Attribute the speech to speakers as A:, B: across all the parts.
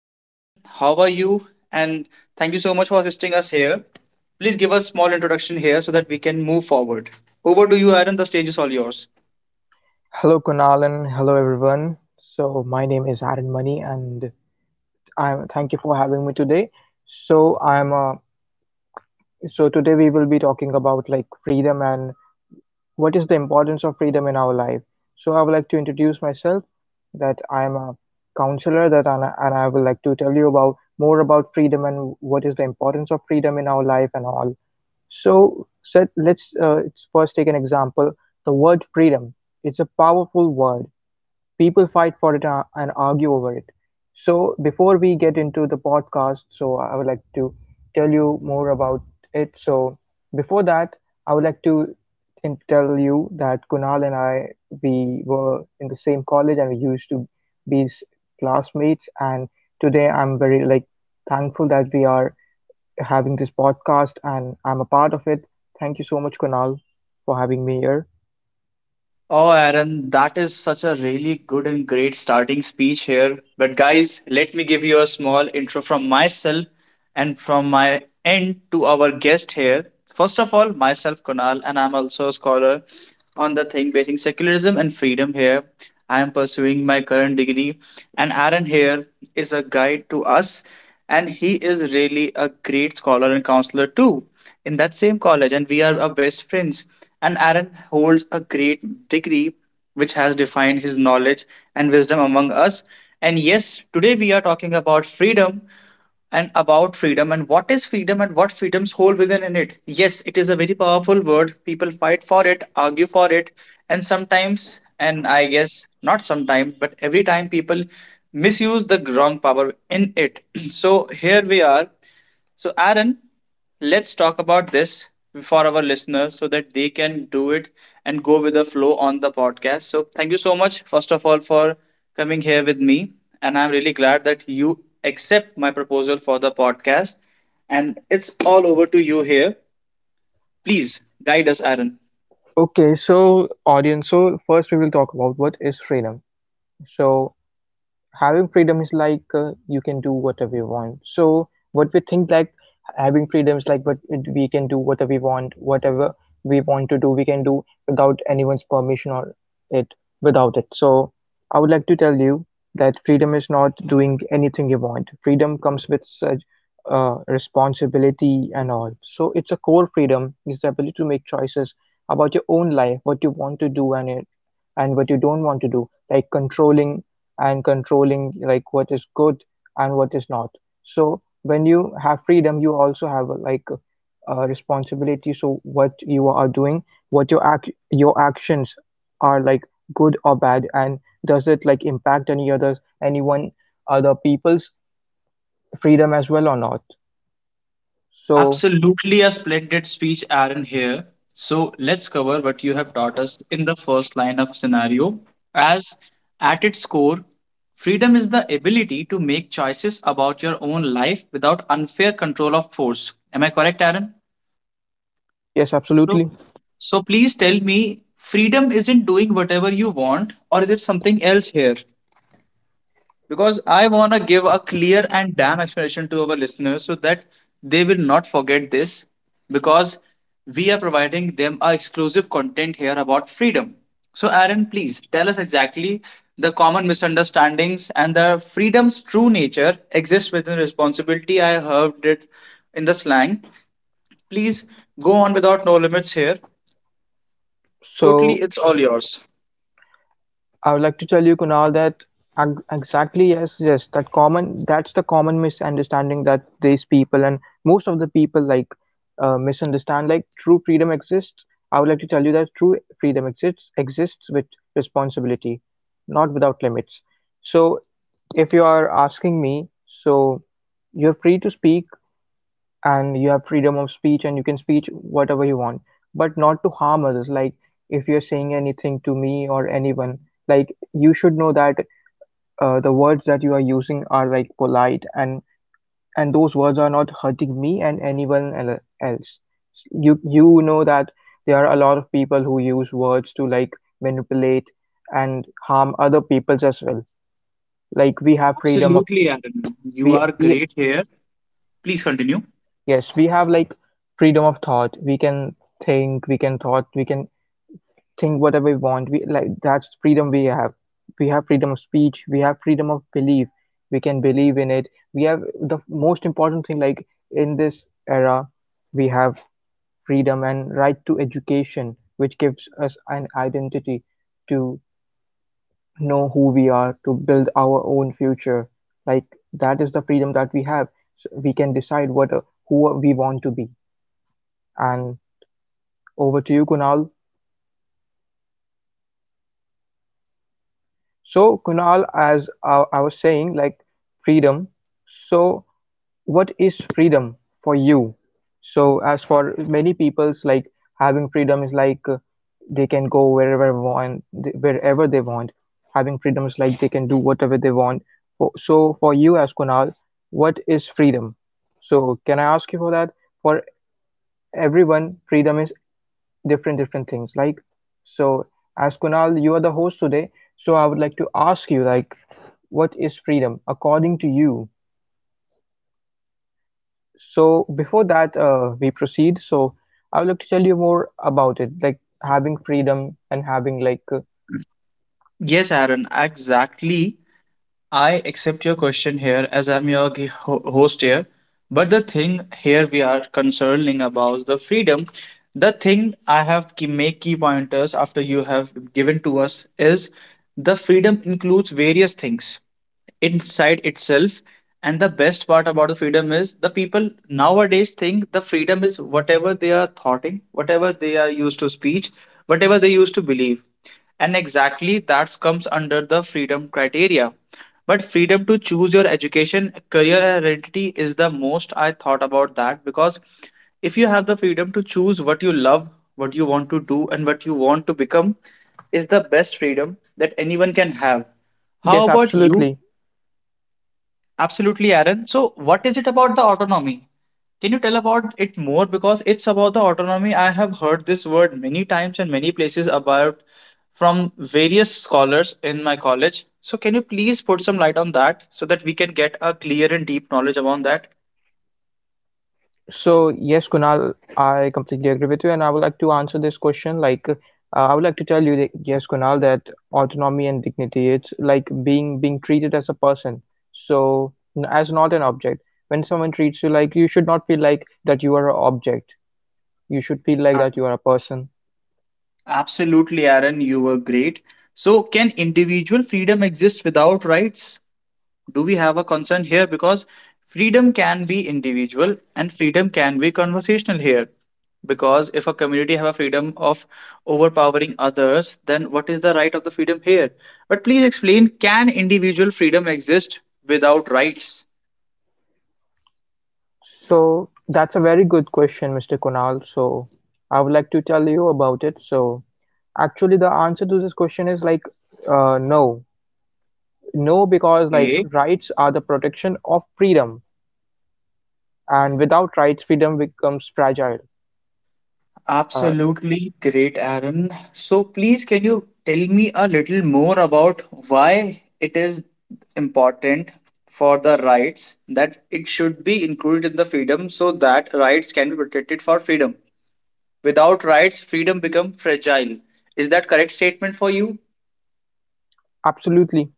A: Hey Aaron, how are you? And thank you so much for assisting us here. Please give us small introduction here so that we can move forward. Over to you Aaron, the stage is all yours.
B: Hello Kunalan, hello everyone. So my name is Aaron Money and I thank you for having me today. So I'm a, so today we will be talking about like freedom and what is the importance of freedom in our life. So I would like to introduce myself that I'm a counselor, and I would like to tell you about more about freedom and what is the importance of freedom in our life and all. So, let's first take an example. The word freedom. It's a powerful word, people fight for it, and argue over it. So before we get into the podcast, so I would like to tell you more about it. So before that, I would like to tell you that Kunal and I, we were in the same college and we used to be classmates. And today I'm very like thankful that we are having this podcast and I'm a part of it. Thank you so much, Kunal, for having me here.
A: Oh, Aaron, that is such a really good and great starting speech here. But, guys, let me give you a small intro from myself and from my end to our guest here. First of all, myself, Kunal, and I'm also a scholar on the thing basing secularism and freedom here. I am pursuing my current degree, and Aaron here is a guide to us, and he is really a great scholar and counselor too in that same college and we are our best friends, and Aaron holds a great degree which has defined his knowledge and wisdom among us. And yes, today we are talking about freedom and about freedom, and what is freedom and what freedoms hold within in it. Yes, it is a very powerful word, people fight for it, argue for it, and sometimes, and I guess not sometimes but every time, people misuse the wrong power in it. So here we are. So, Aaron, let's talk about this for our listeners so that they can do it and go with the flow on the podcast. So, thank you so much, first of all, for coming here with me. And I'm really glad that you accept my proposal for the podcast. And it's all over to you here. Please guide us, Aaron.
B: Okay, so audience, so first we will talk about what is freedom. So having freedom is like, you can do whatever you want. So what we think like having freedom is like, but we can do whatever we want, whatever we want to do we can do without anyone's permission or it without it. So I would like to tell you that freedom is not doing anything you want. Freedom comes with such responsibility and all. So it's a core, freedom is the ability to make choices about your own life, what you want to do, and what you don't want to do, like controlling like what is good and what is not. So when you have freedom, you also have like a responsibility. So what you are doing, what your actions are like good or bad, and does it like impact any others, anyone, other people's freedom as well or not? So
A: Absolutely a splendid speech, Aaron, here. So let's cover what you have taught us in the first line of scenario. As at its core, freedom is the ability to make choices about your own life without unfair control of force. Am I correct, Aaron?
B: yes,
A: So,
B: absolutely.
A: so please tell me, freedom isn't doing whatever you want, or is it something else here? Because I want to give a clear and damn explanation to our listeners so that they will not forget this because we are providing them a exclusive content here about freedom. So, Aaron, please tell us exactly the common misunderstandings and the freedom's true nature exists within responsibility. I heard it in the slang. Please go on without no limits here. Totally,
B: So
A: it's all yours.
B: I would like to tell you, Kunal, that exactly, yes, yes, that's the common misunderstanding that these people and most of the people like misunderstand. Like true freedom exists. I would like to tell you that true freedom exists with responsibility, not without limits. So, if you are asking me, so you're free to speak, and you have freedom of speech and you can speak whatever you want, but not to harm others, like if you're saying anything to me or anyone, like you should know that, the words that you are using are like polite, and those words are not hurting me and anyone else. You know that there are a lot of people who use words to like manipulate and harm other peoples as well, like we have freedom of,
A: Absolutely, Aaron. You
B: we
A: are
B: we
A: great here. Please continue.
B: Yes, we have like freedom of thought. We can think, we can think whatever we want. We like That's freedom we have. We have freedom of speech, we have freedom of belief. We can believe in it. We have the most important thing, like in this era, we have freedom and right to education, which gives us an identity to know who we are, to build our own future. Like that is the freedom that we have. So we can decide what who we want to be. And over to you, Kunal. So, Kunal, as I was saying, like freedom. So, what is freedom for you? So, as for many people's, like having freedom is like, they can go wherever they want. Having freedom is like they can do whatever they want. For you, as Kunal, what is freedom? So, can I ask you for that? For everyone, freedom is different things, like. So, as Kunal, you are the host today, so I would like to ask you, like, what is freedom according to you? So before that, we proceed, so I would like to tell you more about it, like having freedom and having like,
A: Yes, Aaron, exactly. I accept your question here as I'm your host here. But the thing here we are concerning about the freedom. The thing I have key, make key pointers after you have given to us is the freedom includes various things inside itself. And the best part about the freedom is the people nowadays think the freedom is whatever they are thoughting, whatever they are used to speech, whatever they used to believe. And exactly that comes under the freedom criteria. But freedom to choose your education, career, and identity is the most I thought about that because if you have the freedom to choose what you love, what you want to do, and what you want to become, is the best freedom that anyone can have.
B: yes,
A: How about you?
B: absolutely.
A: Absolutely, Aaron. So, what is it about the autonomy? Can you tell about it more? Because it's about the autonomy. I have heard this word many times and many places about from various scholars in my college. So, can you please put some light on that so that we can get a clear and deep knowledge about that?
B: So yes, Kunal, I completely agree with you, and I would like to answer this question. Like, I would like to tell you that yes, Kunal, that autonomy and dignity, it's like being treated as a person, as not an object. When someone treats you like, you should not feel like that you are an object. You should feel like
A: Uh,
B: that you are a person.
A: Absolutely, Aaron. You were great. So, can individual freedom exist without rights? Do we have a concern here because freedom can be individual and freedom can be conversational here, because if a community have a freedom of overpowering others, then what is the right of the freedom here? But please explain, can individual freedom exist without rights?
B: So that's a very good question, Mr. Kunal. So I would like to tell you about it. So actually, the answer to this question is like, no. No, because like
A: Okay.
B: rights are the protection of freedom, and without rights, freedom becomes fragile. Uh,
A: Absolutely great, Aaron. So, please, can you tell me a little more about why it is important for the rights that it should be included in the freedom so that rights can be protected for freedom? Without rights, freedom become fragile. Is that correct statement for you?
B: Absolutely.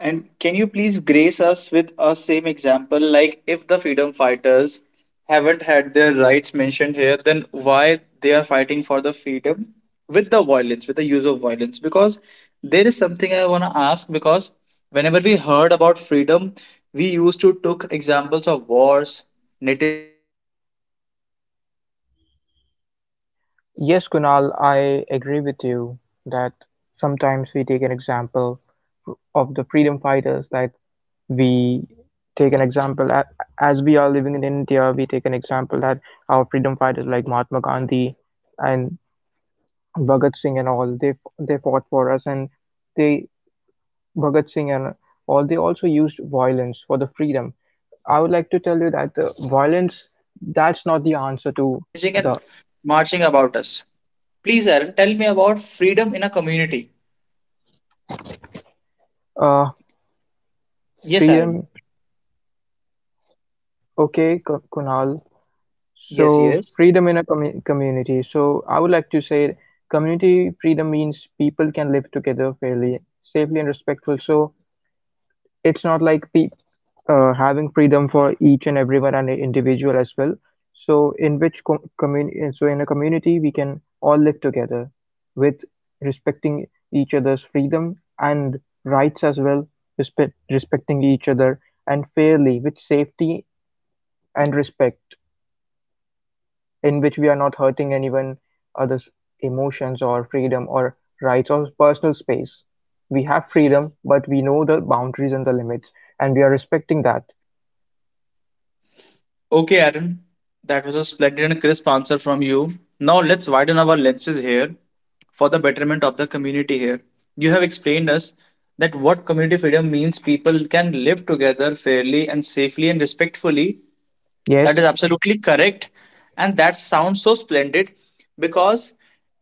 A: And can you please grace us with a same example? Like, if the freedom fighters haven't had their rights mentioned here, then why they are fighting for the freedom with the violence, with the use of violence? Because there is something I want to ask. Because whenever we heard about freedom, we used to took examples of wars, netizens, citizens, and another things. But is it
B: Yes,
A: actually
B: Kunal, I
A: necessary?
B: agree with you
A: Or it is
B: that
A: like variously
B: sometimes we
A: kind
B: take an example
A: dependent on
B: of the
A: the
B: freedom fighters,
A: scenario
B: that
A: which they were facing
B: we
A: out there,
B: take an example
A: because that
B: as we
A: sounds
B: are living in
A: different from
B: India, we take
A: individual
B: an
A: freedom,
B: example that our
A: it was
B: freedom
A: the
B: fighters
A: freedom
B: like
A: for the
B: Mahatma
A: whole
B: Gandhi
A: communal thing.
B: and
A: Do you agree with me
B: Bhagat Singh and all,
A: here?
B: they fought
A: Because
B: for
A: I
B: us.
A: had this
B: And
A: question with
B: they
A: various thoughts.
B: Bhagat Singh and all,
A: And
B: they also
A: Aaron, I'm
B: used
A: really
B: violence
A: glad
B: for
A: that
B: the
A: you're today
B: freedom.
A: with us.
B: I would like to
A: So
B: tell you
A: let's
B: that
A: talk
B: the
A: about freedom in
B: violence,
A: a community and
B: that's not
A: how
B: the
A: it is
B: answer to
A: managing and
B: the
A: marching about us. Please Aaron, tell me about freedom in a community.
B: uh,
A: Yes, Aaron.
B: freedom. Okay, Kunal.
A: Yes,
B: So
A: yes.
B: freedom in a community. So I would like to say community freedom means people can live together fairly, safely and respectful. So it's not like pe having freedom for each and everyone and individual as well. So in a community, we can all live together with respecting each other's freedom and rights as well, respecting each other and fairly with safety and respect, in which we are not hurting anyone other's emotions or freedom or rights or personal space. We have freedom, but we know the boundaries and the limits, and we are respecting that.
A: Okay, Aaron, that was a splendid and crisp answer from you. Now let's widen our lenses here for the betterment of the community here. You have explained us that what community freedom means, people can live together fairly and safely and respectfully. That
B: Yes,
A: is absolutely correct. And that sounds so splendid because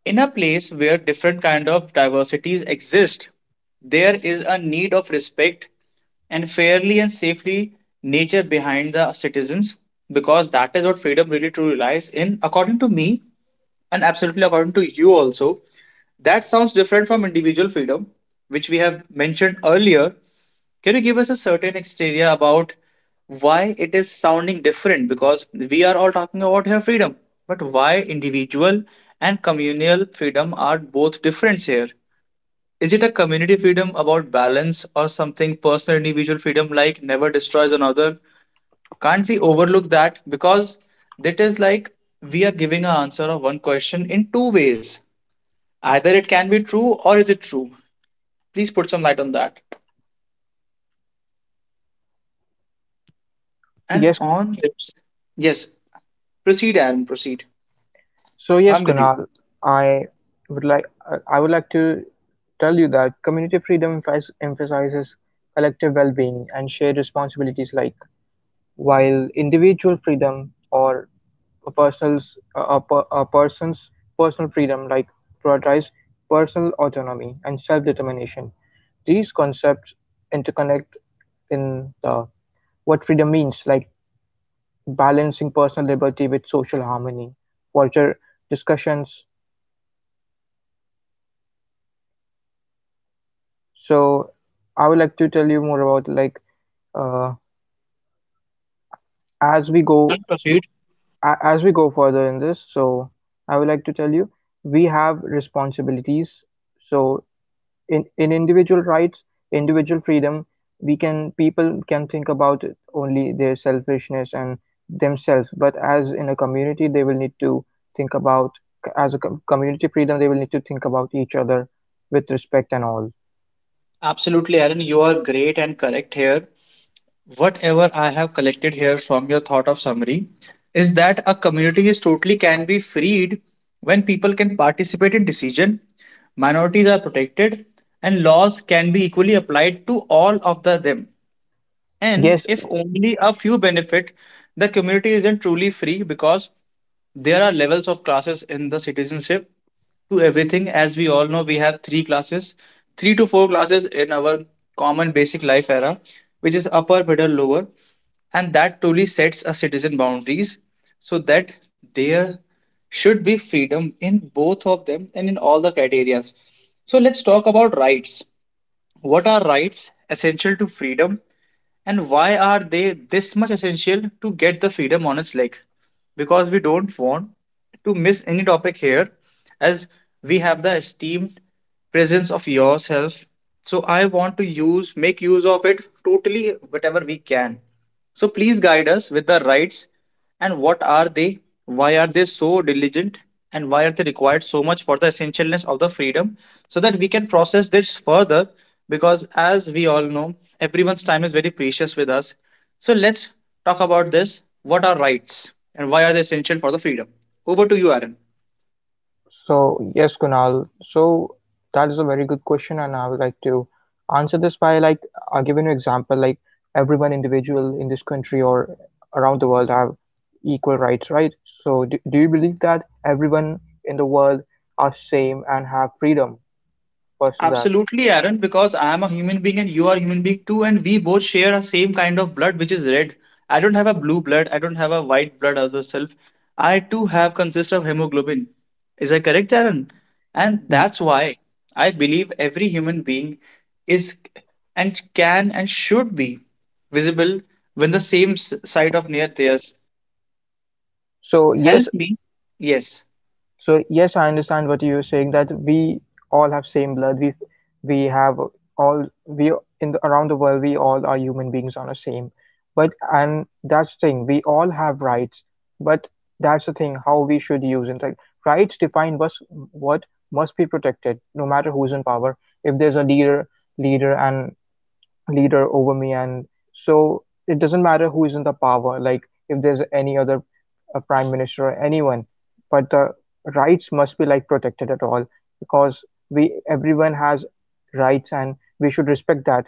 A: in a place where different kind of diversities exist, there is a need of respect and fairly and safely nature behind the citizens, because that is what freedom really truly lies in according to me, and absolutely according to you also. That sounds different from individual freedom which we have mentioned earlier. Can you give us a certain exterior about why it is sounding different? Because we are all talking about here freedom, but why individual and communal freedom are both different here? Is it a community freedom about balance or something personal individual freedom like never destroys another? Can't we overlook that? Because that is like we are giving an answer of one question in two ways. Either it can be true or is it true? Please put some light on that. And
B: yes.
A: on this, yes, proceed, Aaron, proceed.
B: So yes,
A: I'm with you.
B: Kunal, I I would like to tell you that community freedom emphasizes collective well-being and shared responsibilities, like while individual freedom or a person's personal freedom, like prioritize personal autonomy and self-determination. These concepts interconnect in the what freedom means, like balancing personal liberty with social harmony, vulture discussions. So I would like to tell you more about, like, uh, as we
A: Yes,
B: go
A: Aaron, proceed.
B: as we go further in this. So I would like to tell you we have responsibilities. So in individual rights, individual freedom, we can people can think about only their selfishness and themselves. But as in a community, they will need to think about, as a community freedom, they will need to think about each other with respect and all.
A: Absolutely, Aaron, you are great and correct here. Whatever I have collected here from your thought of summary is that a community is totally can be freed when people can participate in decision, minorities are protected, and laws can be equally applied to all of the them. And
B: Yes.
A: if only a few benefit, the community isn't truly free because there are levels of classes in the citizenship to everything. As we all know, we have 3 classes, 3 to 4 classes in our common basic life era, which is upper, middle, lower, and that truly sets a citizen boundaries so that there should be freedom in both of them and in all the criterias. So let's talk about rights. What are rights essential to freedom and why are they this much essential to get the freedom on its leg? Because we don't want to miss any topic here, as we have the esteemed presence of yourself. So I want to use make use of it totally whatever we can. So please guide us with the rights and what are they, why are they so diligent, and why are they required so much for the essentialness of the freedom so that we can process this further because as we all know, everyone's time is very precious with us. So let's talk about this. What are rights and why are they essential for the freedom? Over to you, Aaron.
B: So, yes, Kunal. So, that is a very good question, and I would like to answer this by like, giving you example. Like everyone individual in this country or around the world have equal rights, right? So, do you believe that everyone in the world are same and have freedom? First of that.
A: Absolutely, Aaron, because I am a human being and you are a human being too, and we both share a same kind of blood, which is red. I don't have a blue blood, I don't have a white blood as a self. I too have consist of hemoglobin. Is that correct, Aaron? And
B: Ye-
A: that's why I believe every human being is and can and should be visible when the same side of near theirs.
B: So,
A: Help
B: yes,
A: me. Yes.
B: so yes, I understand what you're saying that we all have same blood. We have all, around the world we all are human beings on the same. But and that's the thing. We all have rights, but that's the thing how we should use it. Like, rights define what must be protected, no matter who's in power. If there's a leader and leader over me and so it doesn't matter who is in the power, like if there's any other prime minister or anyone, but the rights must be like protected at all because we everyone has rights and we should respect that.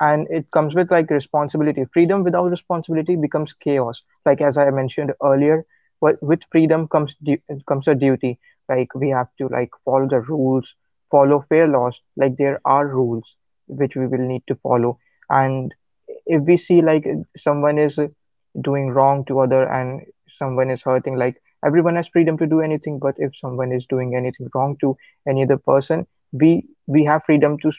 B: And it comes with like responsibility. Freedom without responsibility becomes chaos. Like as I mentioned earlier, what with freedom comes a duty. Like we have to like follow the rules, follow fair laws. Like there are rules which we will need to follow. And if we see like someone is doing wrong to other and someone is hurting, like everyone has freedom to do anything, but if someone is doing anything wrong to any other person, we have freedom to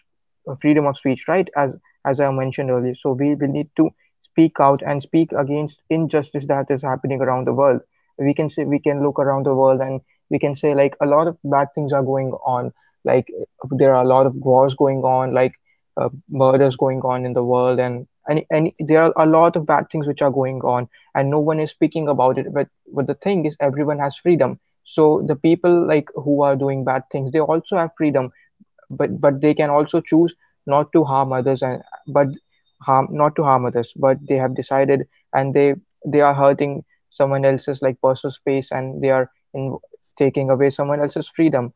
B: freedom of speech, right? As I mentioned earlier, so we will need to speak out and speak against injustice that is happening around the world. We can say, we can look around the world and we can say like a lot of bad things are going on. Like there are a lot of wars going on, like murders going on in the world, and there are a lot of bad things which are going on and no one is speaking about it. But the thing is everyone has freedom, so the people like who are doing bad things, they also have freedom, but they can also choose not to harm others. And but harm not to harm others, but they have decided and they are hurting someone else's like personal space, and they are taking away someone else's freedom.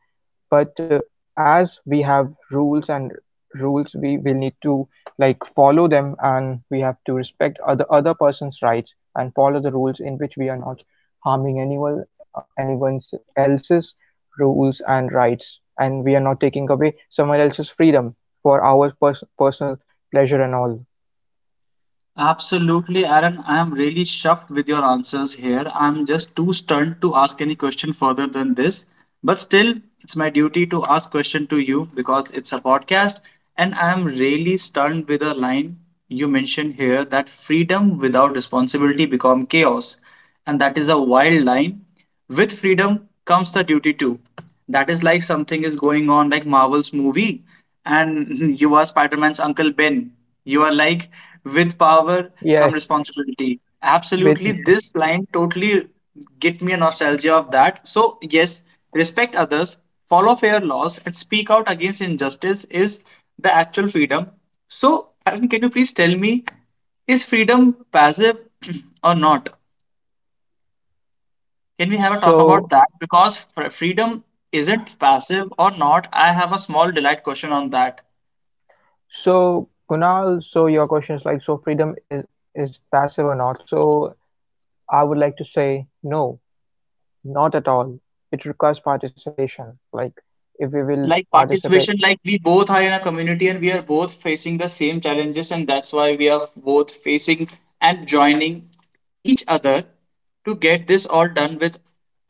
B: But as we have rules and rules, we will need to like follow them, and we have to respect other person's rights and follow the rules in which we are not harming anyone, anyone's else's rules and rights, and we are not taking away someone else's freedom for our personal pleasure and all.
A: Absolutely, Aaron. I am really shocked with your answers here. I'm just too stunned to ask any question further than this. But still, it's my duty to ask question to you because it's a podcast, and I am really stunned with a line you mentioned here that freedom without responsibility become chaos, and that is a wild line. With freedom comes the duty to. That is like something is going on, like Marvel's movie, and you are Spider Man's Uncle Ben. You are like, with power come
B: Yes.
A: responsibility.
B: With
A: Absolutely,
B: yes.
A: this line totally get me a nostalgia of that. So, yes, respect others, follow fair laws, and speak out against injustice is the actual freedom. So, Arun, can you please tell me, is freedom passive or not? Can we have a talk about
B: so
A: that? Because freedom isn't passive or not. I have a small delight question on that.
B: so Kunal, so your question is like, so freedom is passive or not. So I would like to say, no, not at all. It requires participation. Like, if we will
A: Like
B: participate,
A: participation, like we both are in a community and we are both facing the same challenges, and that's why we are both facing and joining each other to get this all done with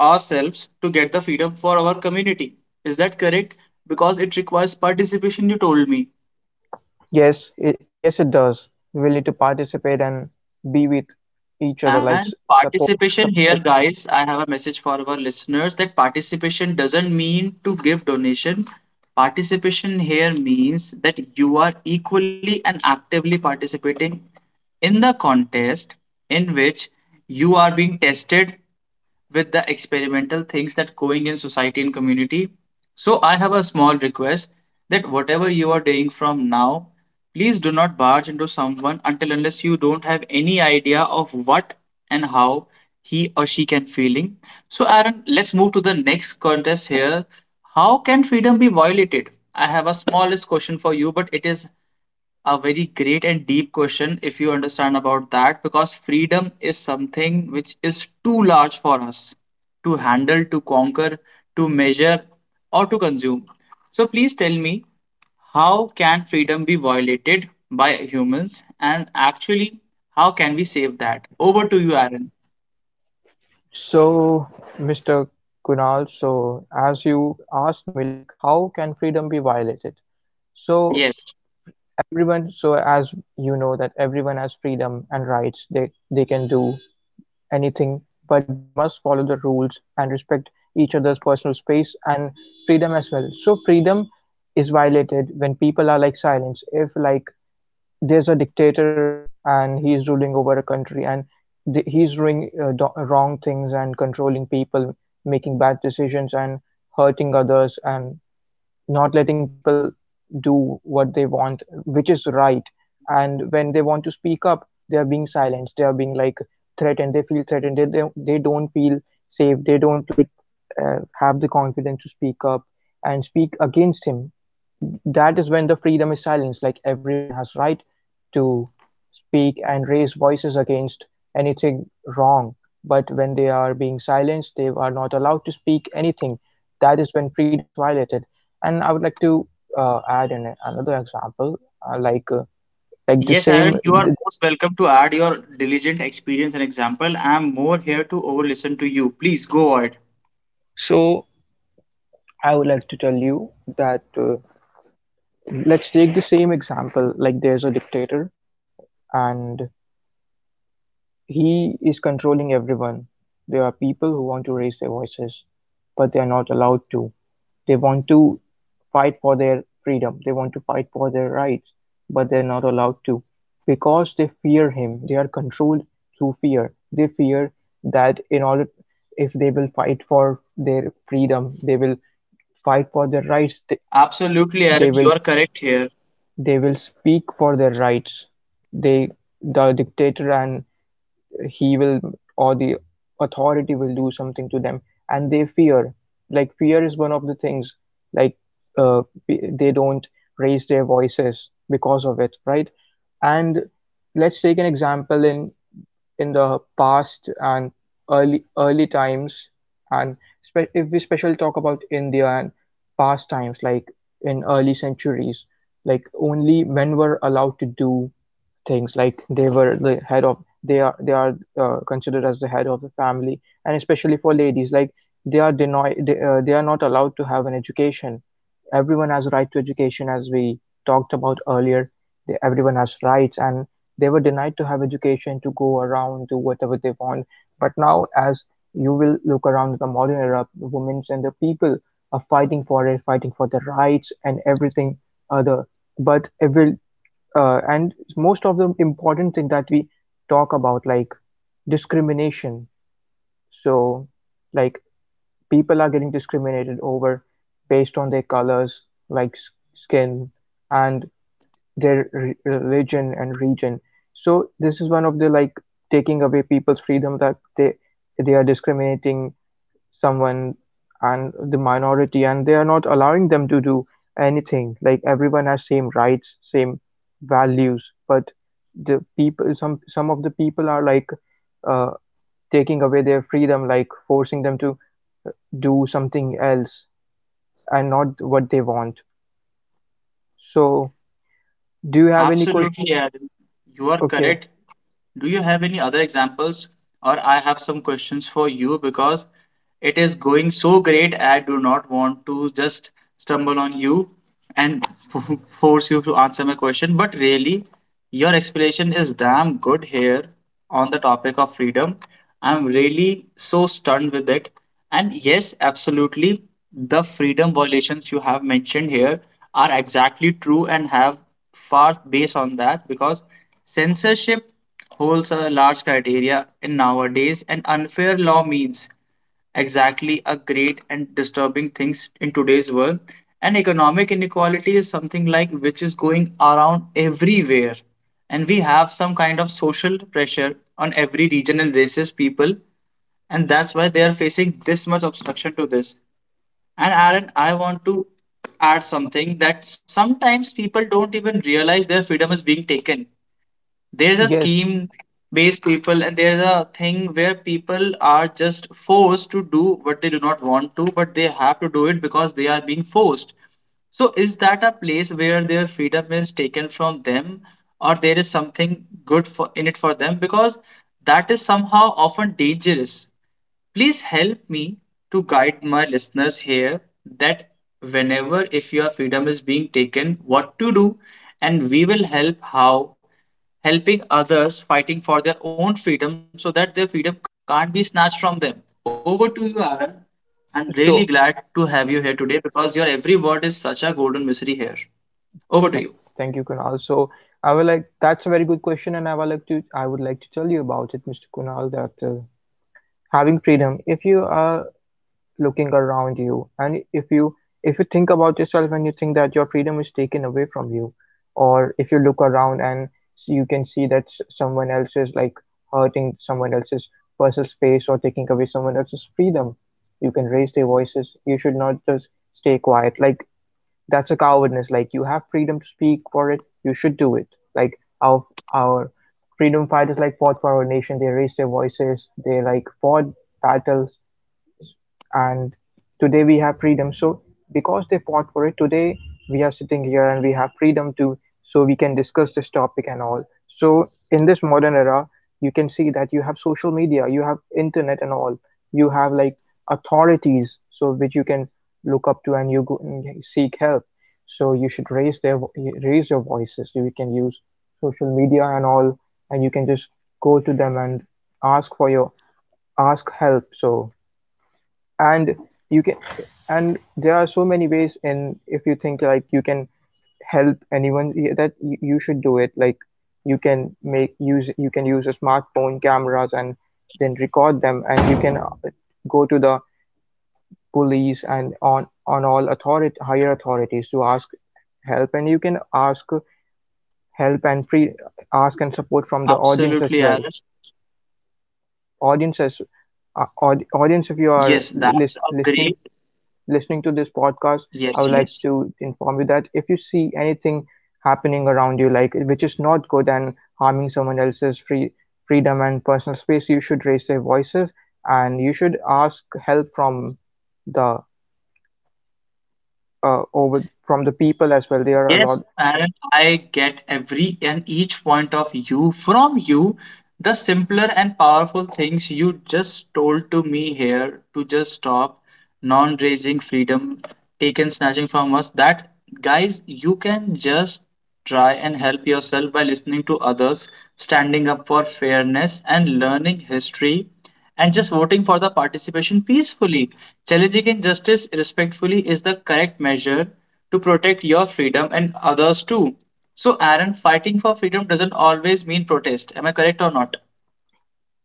A: ourselves to get the freedom for our community. Is that correct? Because it requires participation, you told me.
B: yes, it does. We will need to participate and be with each other,
A: And
B: support in a
A: participation here,
B: supportive way.
A: guys, I have a message for our listeners that participation doesn't mean to give donation. Participation here means that you are equally and actively participating in the contest in which you are being tested with the experimental things that going in society and community. So I have a small request that whatever you are doing from now, please do not barge into someone until unless you don't have any idea of what and how he or she can feeling. So Aaron, let's move to the next contest here. How can freedom be violated? I have a smallest question for you, but it is a very great and deep question if you understand about that because freedom is something which is too large for us to handle, to conquer, to measure, or to consume. So please tell me, how can freedom be violated by humans, and actually how can we save that? Over to you, Aaron.
B: So, Mr. Kunal, so as you asked me, like, how can freedom be violated? So
A: Yes.
B: everyone, so as you know that everyone has freedom and rights, they can do anything, but they must follow the rules and respect each other's personal space and freedom as well. So freedom is violated when people are like silence. If like there's a dictator and he's ruling over a country and he's doing wrong things and controlling people, making bad decisions and hurting others and not letting people do what they want, which is right. And when they want to speak up, they are being silenced. They are being like threatened. They feel threatened. They don't feel safe. They don't like have the confidence to speak up and speak against him. That is when the freedom is silenced. Like everyone has right to speak and raise voices against anything wrong, but when they are being silenced, they are not allowed to speak anything. That is when freedom is violated. And I would like to add in another example, like the
A: Yes,
B: same
A: Aaron, you are
B: the,
A: most welcome to add your diligent experience and example. I am more here to over listen to you. Please go ahead.
B: so I would like to tell you that let's take the same example. Like there's a dictator and he is controlling everyone. There are people who want to raise their voices, but they are not allowed to. They want to fight for their freedom, they want to fight for their rights, but they're not allowed to because they fear him. They are controlled through fear. They fear that in order if they will fight for their freedom, they will fight for their rights,
A: Absolutely,
B: they,
A: Aaron, you are correct
B: they
A: here.
B: will they will speak for their rights, they, the dictator and he will or the authority will do something to them, and they fear, like fear is one of the things, like uh, they don't raise their voices because of it, right? And let's take an example in the past and early times and if we specially talk about India and past times, like in early centuries, like only men were allowed to do things. Like they were the head of they are considered as the head of the family, and especially for ladies, like they are denied, they are not allowed to have an education. Everyone has a right to education, as we talked about earlier. They, everyone has rights, and they were denied to have education, to go around, do whatever they want. But now as you will look around the modern era, the women and the people are fighting for it, fighting for their rights and everything other. But it will and most of the important thing that we talk about, like discrimination. So like people are getting discriminated over based on their colors, like skin, and their religion and region. So this is one of the, like, taking away people's freedom, that they are discriminating someone and the minority, and they are not allowing them to do anything. Like everyone has same rights, same values, but the people, some of the people are like uh, taking away their freedom, like forcing them to do something else and not what they want. So, do you have any question?
A: Absolutely, Aaron. You are
B: Okay,
A: correct. Do you have any other examples? Or I have some questions for you, because it is going so great. I do not want to just stumble on you and force you to answer my question. But really, your explanation is damn good here on the topic of freedom. I'm really so stunned with it. And yes, absolutely, the freedom violations you have mentioned here are exactly true and have far base on that, because censorship holds a large criteria in nowadays, and unfair law means exactly a great and disturbing things in today's world, and economic inequality is something like which is going around everywhere, and we have some kind of social pressure on every regional races people, and that's why they are facing this much obstruction to this. And Aaron, I want to add something, that sometimes people don't even realize their freedom is being taken. There's a
B: yes.
A: scheme based people, and there's a thing where people are just forced to do what they do not want to, but they have to do it because they are being forced. So, is that a place where their freedom is taken from them, or there is something good for, in it for them? Because that is somehow often dangerous. Please help me to guide my listeners here that whenever if your freedom is being taken, what to do, and we will help how helping others fighting for their own freedom so that their freedom can't be snatched from them. Over to you, Aaron. I'm really glad to
B: So,
A: have you here today because your every word is such a golden mystery here. Over to you.
B: thank, thank you, Kunal. So, I would like, that's a very good question, and I would like to tell you about it, Mr. Kunal, that having freedom. If you are looking around you and if you think about yourself and you think that your freedom is taken away from you, or if you look around and you can see that someone else is like hurting someone else's personal space or taking away someone else's freedom, you can raise their voices. You should not just stay quiet. Like that's a cowardness. Like you have freedom to speak for it, you should do it. Like our freedom fighters like fought for our nation, they raised their voices, they like fought battles, and today we have freedom. So because they fought for it, today we are sitting here and we have freedom to, so we can discuss this topic and all. So in this modern era, you can see that you have social media, you have internet and all. You have like authorities so which you can look up to, and you go and seek help. So you should raise your voices. You can use social media and all, and you can just go to them and ask for your ask help. So and you can and there are so many ways. And if you think like you can help anyone, you should do it. Like you can use a smartphone cameras and then record them, and you can go to the police and on all authority, higher authorities to ask help. And you can ask help and free ask and support from the audience as
A: Absolutely,
B: well.
A: Aaron.
B: audiences
A: Yes,
B: Audience, if you
A: that's
B: are
A: a great.
B: listening, listening to this podcast,
A: Yes,
B: I
A: yes.
B: would like to inform you that if you see anything happening around you, like which is not good and harming someone else's freedom and personal space, you should raise their voices, and you should ask help from the over from the people as well. They are a
A: Yes,
B: lot.
A: and I get every and each point of you from you. The simpler and powerful things you just told to me here to just stop non-raising freedom taken snatching from us. That, guys, you can just try and help yourself by listening to others, standing up for fairness, and learning history, and just voting for the participation peacefully. Challenging injustice respectfully is the correct measure to protect your freedom and others too. So, Aaron, fighting for freedom doesn't always mean protest. Am I correct or not?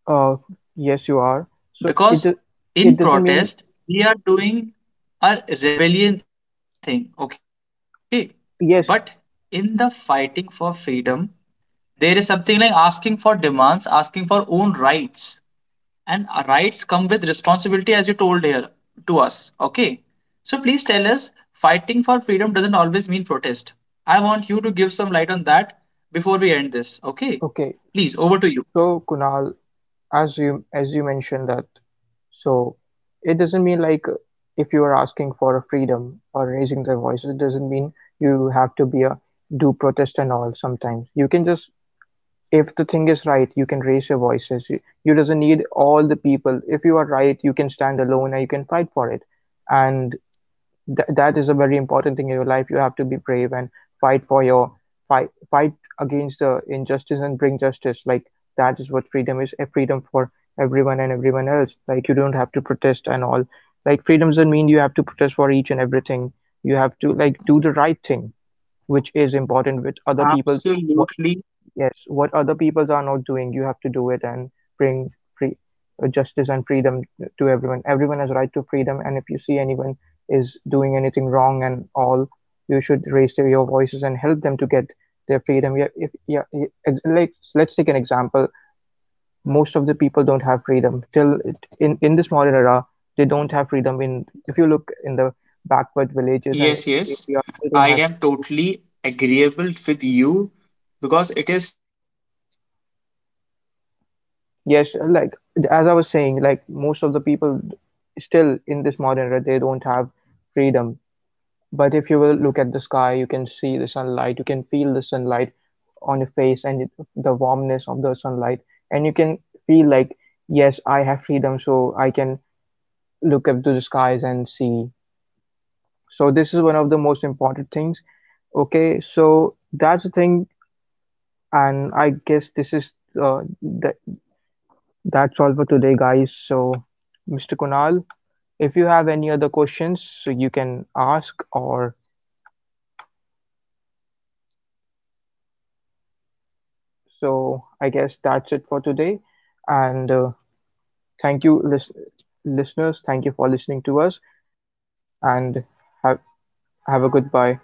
B: Uh, yes, you are. So it
A: Because
B: do- it
A: in
B: doesn't mean.
A: protest, we are doing a rebellion thing, okay? But in the
B: Yes.
A: fighting for freedom, there is something like asking for demands, asking for own rights, and rights come with responsibility as you told here to us, okay? So please tell us, fighting for freedom doesn't always mean protest. I want you to give some light on that before we end this, okay?
B: Okay,
A: Please, over to you.
B: so Kunal, as you mentioned that, so it doesn't mean like if you are asking for a freedom or raising their voice, it doesn't mean you have to be a do protest and all. Sometimes you can just, if the thing is right, you can raise your voices. You doesn't need all the people. If you are right, you can stand alone and you can fight for it. And that is a very important thing in your life. You have to be brave and fight for your fight against the injustice and bring justice. Like that is what freedom is, a freedom for everyone and everyone else. Like you don't have to protest and all. Like freedom doesn't mean you have to protest for each and everything. You have to like do the right thing, which is important with other people. What?
A: Absolutely.
B: Yes, what other peoples are not doing, you have to do it and bring free justice and freedom to everyone. Everyone has right to freedom, and if you see anyone is doing anything wrong and all, you should your voices and help them to get their freedom. Yeah, if yeah, yeah, let's take an example. Most of the people don't have freedom in this modern era. They don't have freedom in, if you look in the backward villages and
A: Yes, yes.
B: areas, they don't
A: I
B: have,
A: am totally agreeable with you, because it is such diligent, because there is
B: yes, like
A: chances of
B: as I was
A: losing
B: saying,
A: our
B: like most of
A: freedom
B: the
A: over
B: people
A: the things, because
B: still in this modern era, they
A: we
B: don't
A: have
B: have
A: faced the
B: freedom.
A: issues some
B: But if you will look at the
A: horrendously,
B: sky, you
A: and
B: can
A: I
B: see the
A: don't want
B: sunlight, you can feel the sunlight
A: anyone shall
B: on your
A: face
B: face
A: this.
B: and it, the warmness of the sunlight,
A: And
B: and you can feel like,
A: Aaron, I,
B: yes,
A: you
B: I have
A: have
B: freedom,
A: shared your
B: so I
A: deep
B: can
A: knowledge here with us.
B: look up to the
A: So
B: skies
A: I
B: and
A: want
B: see.
A: to conclude this session with
B: So
A: you
B: this is one
A: here
B: of the most
A: so
B: important
A: that
B: things.
A: we will
B: Okay,
A: not need
B: so
A: to be
B: that's the
A: lesson
B: thing,
A: here. I want
B: and I
A: you,
B: guess this
A: so
B: is
A: please help me with
B: the
A: the last closing up
B: that's all
A: statement
B: for
A: with
B: today,
A: me.
B: guys. So,
A: And
B: Mr. Kunal, if you have any other questions, so you can ask, or so I guess that's it for today. And thank you, listeners. Thank you for listening to us, and have, have a goodbye.